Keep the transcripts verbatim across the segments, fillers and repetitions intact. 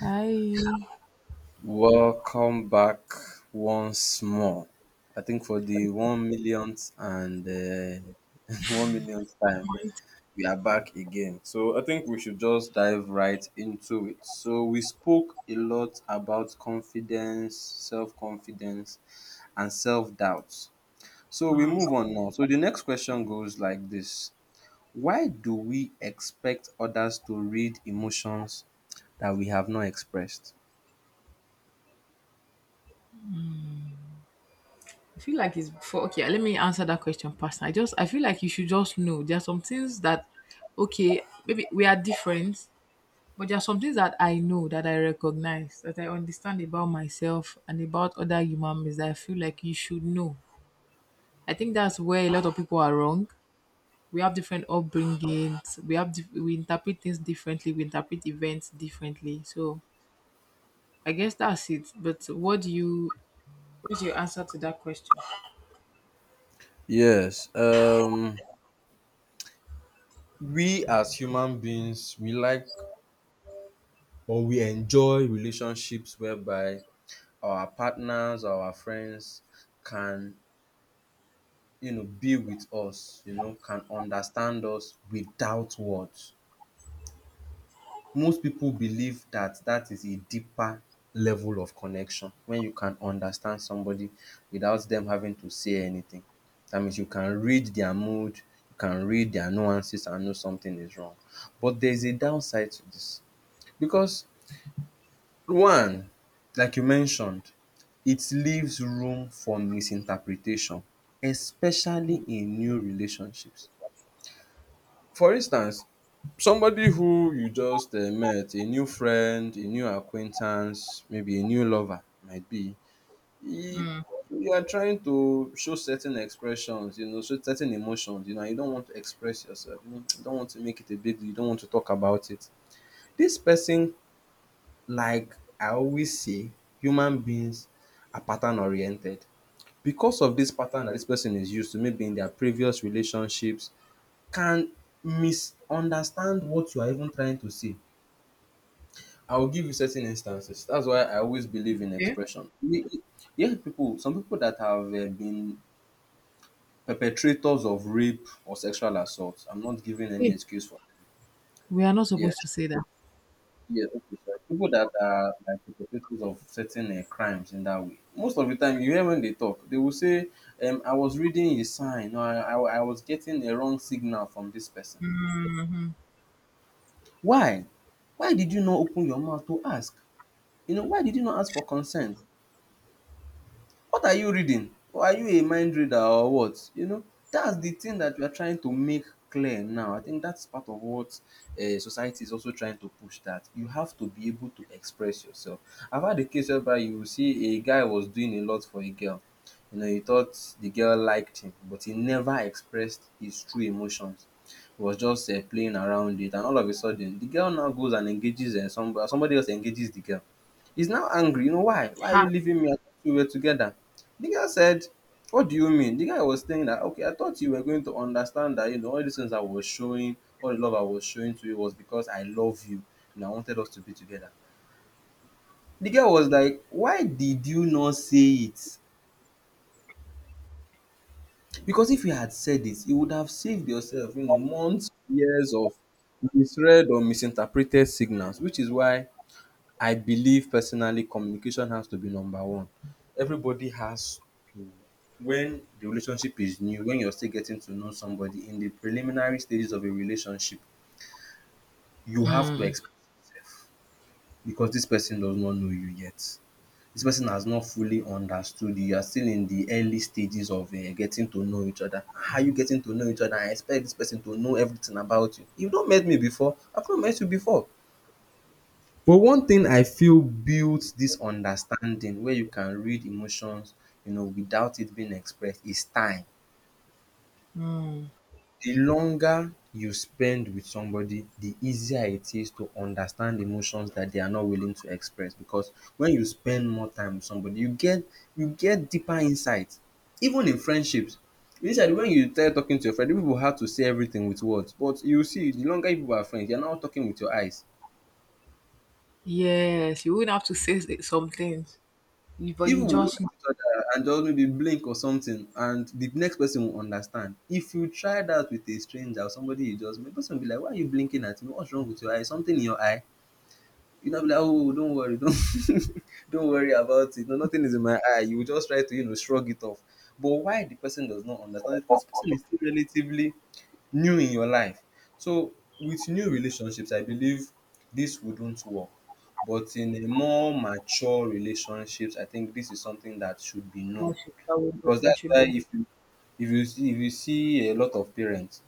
I Welcome back once more. I think for the one millionth and uh, one millionth time, we are back again. So I think we should just dive right into it. So we spoke a lot about confidence, self confidence, and self doubt. So we move on now. So the next question goes like this: Why do we expect others to read emotions that we have not expressed? feel like it's for okay. Let me answer that question personally. I just I feel like you should just know there are some things that okay, maybe we are different, but there are some things that I know, that I recognize, that I understand about myself and about other human beings. That I feel like you should know. I think that's where a lot of people are wrong. We have different upbringings. We have dif- we interpret things differently. We interpret events differently. So I guess that's it. But what do you what's your answer to that question? Yes. Um we as human beings, we like or we enjoy relationships whereby our partners, our friends can, you know, be with us, you know, can understand us without words. Most people believe that that is a deeper level of connection. When you can understand somebody without them having to say anything, that means you can read their mood, you can read their nuances and know something is wrong. But there's a downside to this, because one, like you mentioned, it leaves room for misinterpretation, especially in new relationships. For instance, somebody who you just eh, met, a new friend, a new acquaintance, maybe a new lover, might be, e- you are trying to show certain expressions, you know, show certain emotions, you know, and you don't want to express yourself, you know, you don't want to make it a big deal, you don't want to talk about it. This person, like I always say, human beings are pattern oriented. Because of this pattern that this person is used to, maybe in their previous relationships, can misunderstand what you are even trying to say. I will give you certain instances. That's why I always believe in Yeah. expression. We- Yeah, people, some people that have uh, been perpetrators of rape or sexual assault, I'm not giving any excuse for. We are not Yeah, supposed to say that. yes, okay, so people that are like the perpetrators of certain um crimes in that way, most of the time you hear when they talk, they will say, um, I was reading a sign, or I, I, I was getting a wrong signal from this person. Why? Why did you not open your mouth to ask? You know, why did you not ask for consent? What are you reading? Or are you a mind reader or what? You know, that's the thing that we are trying to make clear now. I think that's part of what uh, society is also trying to push, that you have to be able to express yourself. I've had a case whereby you will see a guy was doing a lot for a girl. You know, he thought the girl liked him, but he never expressed his true emotions. He was just uh, playing around it, and all of a sudden, the girl now goes and engages uh, somebody. Somebody else engages the girl. He's now angry. You know why? Why are you Ha! leaving me? I thought we were together. The girl said, "What do you mean?" The guy was saying that, okay, I thought you were going to understand that, you know, all the things I was showing, all the love I was showing to you was because I love you and I wanted us to be together. The girl was like, "Why did you not say it? Because if you had said it, you would have saved yourself, you know, months, years of misread or misinterpreted signals," which is why I believe personally communication has to be number one. Everybody has to, when the relationship is new, when you're still getting to know somebody in the preliminary stages of a relationship, you have to express yourself, because this person does not know you yet. This person has not fully understood you. You are still in the early stages of uh, getting to know each other. How are you getting to know each other? I expect this person to know everything about you. You've not met me before. I've not met you before. But one thing I feel builds this understanding, where you can read emotions, you know, without it being expressed, is time. The longer you spend with somebody, the easier it is to understand emotions that they are not willing to express, because when you spend more time with somebody, you get you get deeper insights. Even in friendships, initially when you start talking to your friend, people have to say everything with words, but you see, the longer you people are friends, you are now talking with your eyes. Yes, you wouldn't have to say s- some things. You, but you Even we look just at know each other and just maybe blink or something, and the next person will understand. If you try that with a stranger or somebody you just met, the person will be like, "Why are you blinking at me? What's wrong with your eye? Something in your eye." You know, be like, "Oh, don't worry, don't don't worry about it. No, nothing is in my eye." You will just try to, you know, shrug it off. But why the person does not understand it? Because the person is still relatively new in your life. So with new relationships I believe this wouldn't work, but in a more mature relationships I think this is something that should be that known, should, that, would, go- because that that's should why be. if you if you see if you see a lot of parents,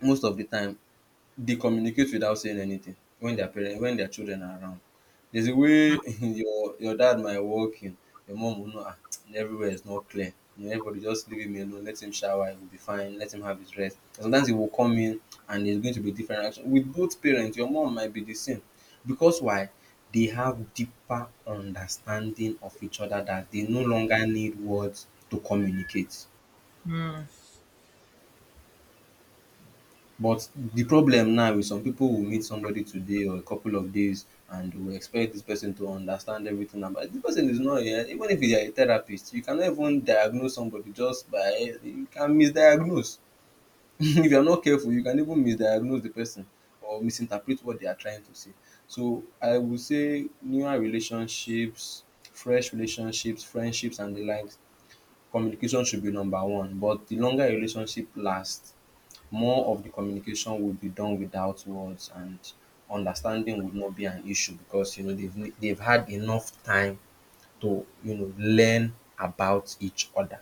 most of the time they communicate without saying anything. When their parent when their children are around, there's a way your your dad might walk in, your mom will know, "Ah, everywhere is not clear. You know, everybody just leave him alone, let him shower, he will be fine, let him have his rest." And sometimes he will come in and there's going to be different reaction. With both parents, your mom might be the same. Because why? They have deeper understanding of each other that they no longer need words to communicate. Hmm. But the problem now is some people will meet somebody today or a couple of days and will expect this person to understand everything about the person. Is not here. Even if you are a therapist, you cannot even diagnose somebody just by, you can misdiagnose if you are not careful, you can even misdiagnose the person or misinterpret what they are trying to say. So I would say newer relationships, fresh relationships, friendships and the likes, communication should be number one, but the longer a relationship lasts, more of the communication would be done without words, and understanding would not be an issue because, you know, they've they've had enough time to, you know, learn about each other.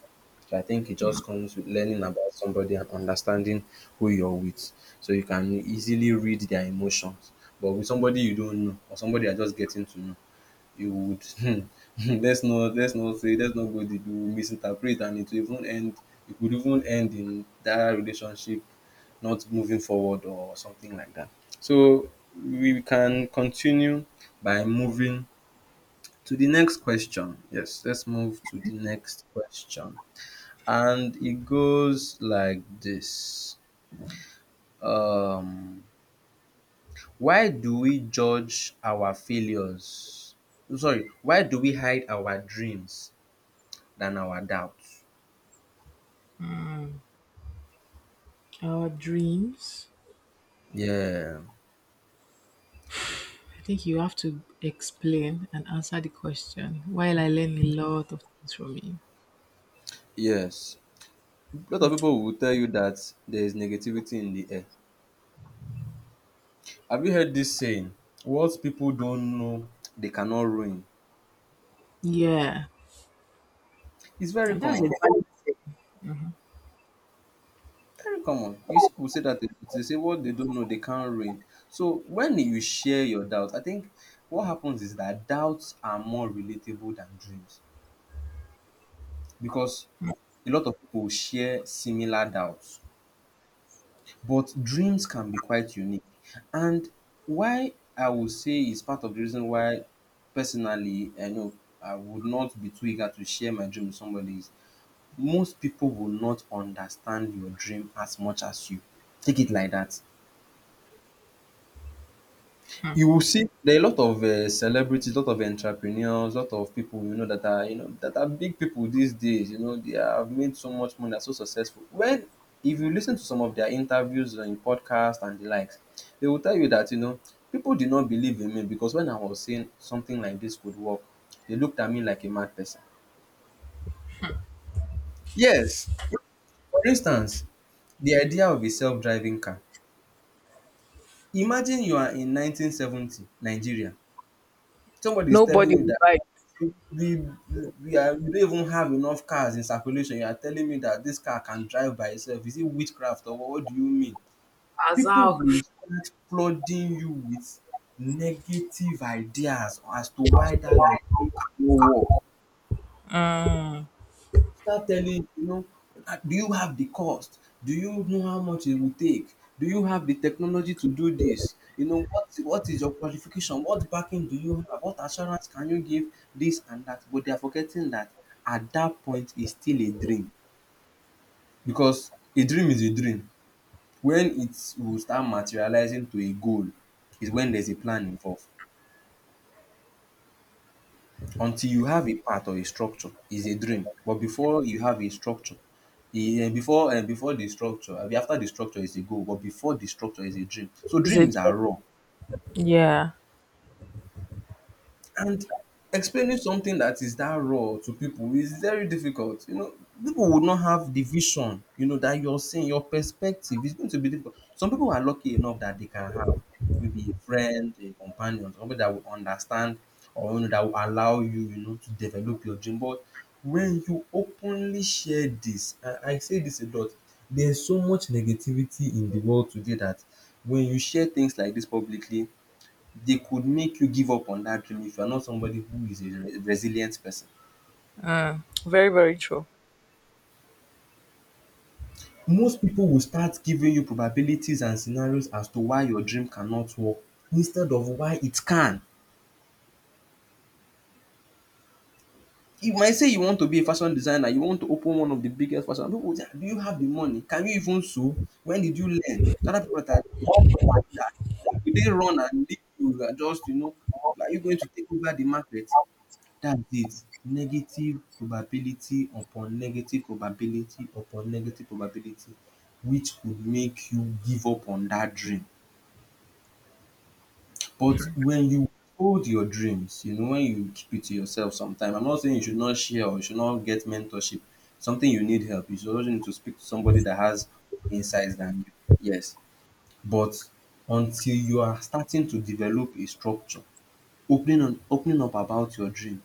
So I think it just comes with learning about somebody and understanding who you're with, so you can easily read their emotions. But with somebody you don't know, or somebody you're just getting to know, you would let's not let's not say let's not go deep. You will misinterpret and it will even end it could even end in that relationship not moving forward or something like that. So we can continue by moving to the next question. Yes, let's move to the next question. And it goes like this: um why do we judge our failures sorry why do we hide our dreams than our doubts. Our dreams. Yeah, I think you have to explain and answer the question while I learn a lot of things from you. yes. A lot of people will tell you that there is negativity in the air. Have you heard this saying? What people don't know, they cannot ruin. Yeah. It's very And that's common. a valid thing. Very common. You see people say that they, they say what they don't know, they can't ruin. So when you share your doubts, I think what happens is that doubts are more relatable than dreams, because a lot of people share similar doubts. But dreams can be quite unique. And why I would say it's part of the reason why personally I know I would not be too eager to share my dream with somebody is most people will not understand your dream as much as you. Take it like that. You will see there are a lot of uh, celebrities, lot of entrepreneurs, lot of people you know that are, you know that are big people these days. You know they have made so much money, are so successful. When if you listen to some of their interviews in podcasts and the likes, they will tell you that, you know, people did not believe in me because when I was saying something like this could work, they looked at me like a mad person. Yes, for instance, the idea of a self-driving car. Imagine you are in nineteen seventy Nigeria. Somebody is telling Nobody you will that buy it. We we are we don't even have enough cars in circulation. You are telling me that this car can drive by itself? Is it witchcraft or what do you mean? As People how? will start flooding you with negative ideas as to why that your thing cannot work. Mm, Start telling, you know, "Ah, do you have the cost? Do you know how much it will take? Do you have the technology to do this? You know, what what is your qualification? What backing do you have? What assurance can you give? This and that." But they are forgetting that at that point it's still a dream because a dream is a dream. When it will start materializing to a goal is when there's a plan involved. Until you have a path or a structure is a dream, but before you have a structure, e um before um before the structure abi after the structure is a goal, but before the structure is a dream. So is it? dreams are raw. Yeah. And explaining something that is that raw to people is very difficult. You know, people would not have the vision, you know, that you're seeing, your perspective is going to be difficult. Some people are lucky enough that they can have maybe a friend, a companion, somebody that will understand or you know, that will allow you, you know, to develop your dream. But when you openly share this, and I say this a lot, there's so much negativity in the world today that when you share things like this publicly, they could make you give up on that dream if you are not somebody who is a re- resilient person. Mm, very, very true. Most people will start giving you probabilities and scenarios as to why your dream cannot work instead of why it can. You might say you want to be a fashion designer, you want to open one of the biggest fashion. People will say, "Ah, do you have the money? Can you even sew? When did you learn? Other people that are that will they run and leave you, you are just, you know, are you going to take over the market? That's it. Negative probability upon negative probability upon negative probability, which could make you give up on that dream. But when you hold your dreams, you know, when you keep it to yourself sometime, I'm not saying you should not share or you should not get mentorship. Something you need help. You should also need to speak to somebody that has insights than you. Yes. But until you are starting to develop a structure, opening on opening up about your dream.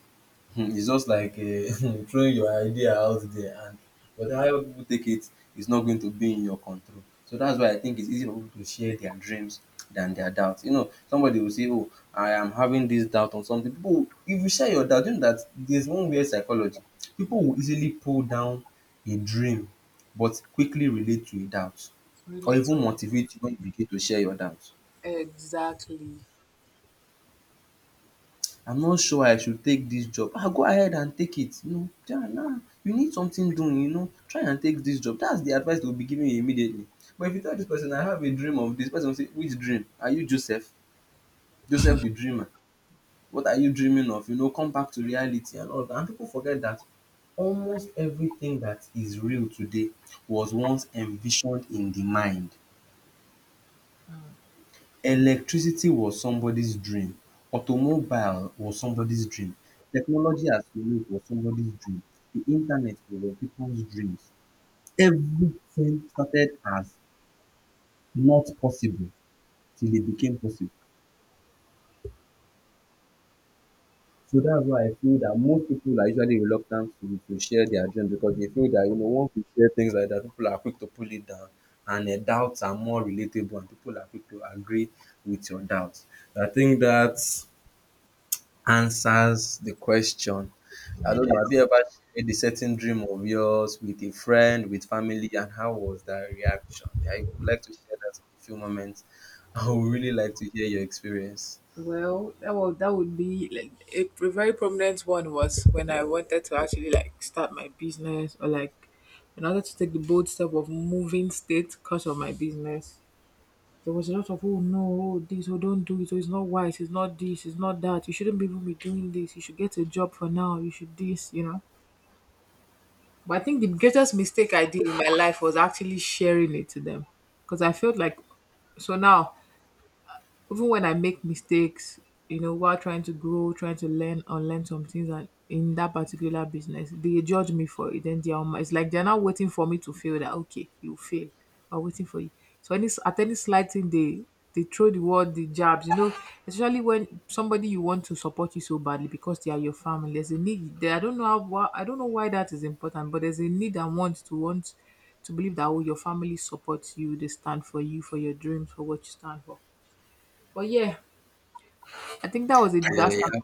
Hmm, it's just like uh, throwing your idea out there, and but how people take it is not going to be in your control, so that's why I think it's easy for people to share their dreams than their doubts. You know, somebody will say, oh, I am having this doubt on something, people, if you share your doubt, you know that there's one weird psychology, people will easily pull down a dream but quickly relate to a doubt, or Relate to even it. motivate you when you begin to share your doubts. Exactly. I'm not sure I should take dis job. Ah, go ahead and take it. You know, yeah, nah, you need something doing, you know. Try and take dis job. Dat's the advice they will be giving you immediately. But if you tell dis person I have a dream of dis, the person go say, which dream? Are you Joseph? Joseph the dreamer? What are you dreaming of? You know, come back to reality and all dat. And people forget dat almost everything dat is real today was once envisioned in the mind. Electricity was somebody's dream. Automobile was somebody's dream. Technology as we know it was somebody's dream. The internet was people's dreams. Everything started as not possible till it became possible. So that's why I feel that most people are usually reluctant to, to share their dreams, because they feel that, you know, once you share things like that, people are quick to pull it down, and uh, doubts are more relatable and people are quick to agree with your doubts. I think that's answers the question. I don't know, have Yes. you ever shared a certain dream of yours with a friend, with family, and how was that reaction? I would like to share that in a few moments. I would really like to hear your experience. Well, that was that would be like a, pr- very prominent one was when I wanted to actually like start my business, or like in order to take the bold step of moving state because of my business. There was a lot of oh no, oh this, oh don't do it, oh it's not wise, it's not this, it's not that. You shouldn't be even be doing this. You should get a job for now. You should this, you know. But I think the greatest mistake I did in my life was actually sharing it to them, because I felt like so now, even when I make mistakes, you know, while trying to grow, trying to learn, unlearn some things and in that particular business, they judge me for it. Then they are, it's like they're not waiting for me to fail that okay, you fail. I'm waiting for you. So any at any slight thing they they throw the word, the jabs, you know, especially when somebody you want to support you so badly because they are your family. There's a need there. I don't know how why- I don't know why that is important, but there's a need and want to want to believe that oh, your family supports you, they stand for you, for your dreams, for what you stand for. But yeah, I think that was a Yeah, disaster. yeah,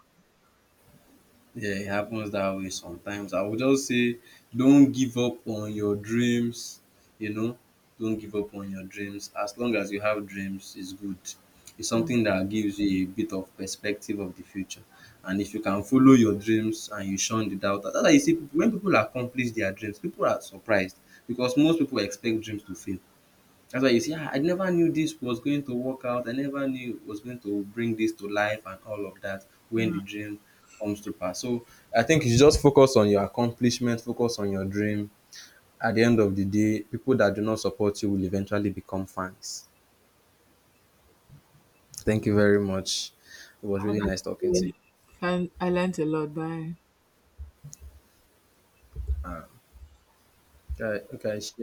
yeah, it happens that way sometimes. I would just say, don't give up on your dreams. You know, don't give up on your dreams. As long as you have dreams, it's good. It's something that gives you a bit of perspective of the future. And if you can follow your dreams and you shun the doubt, that's why you see people, when people accomplish their dreams, people are surprised because most people expect dreams to fail. That's why you see, ah, I never knew this was going to work out. I never knew it was going to bring this to life and all of that when the dream comes to pass. So I think you just focus on your accomplishment, focus on your dream. At the end of the day, people that do not support you will eventually become fans. Thank you very much. It was How really did I nice talking do to it? you. And I learned a lot. Bye. Uh, okay, okay, share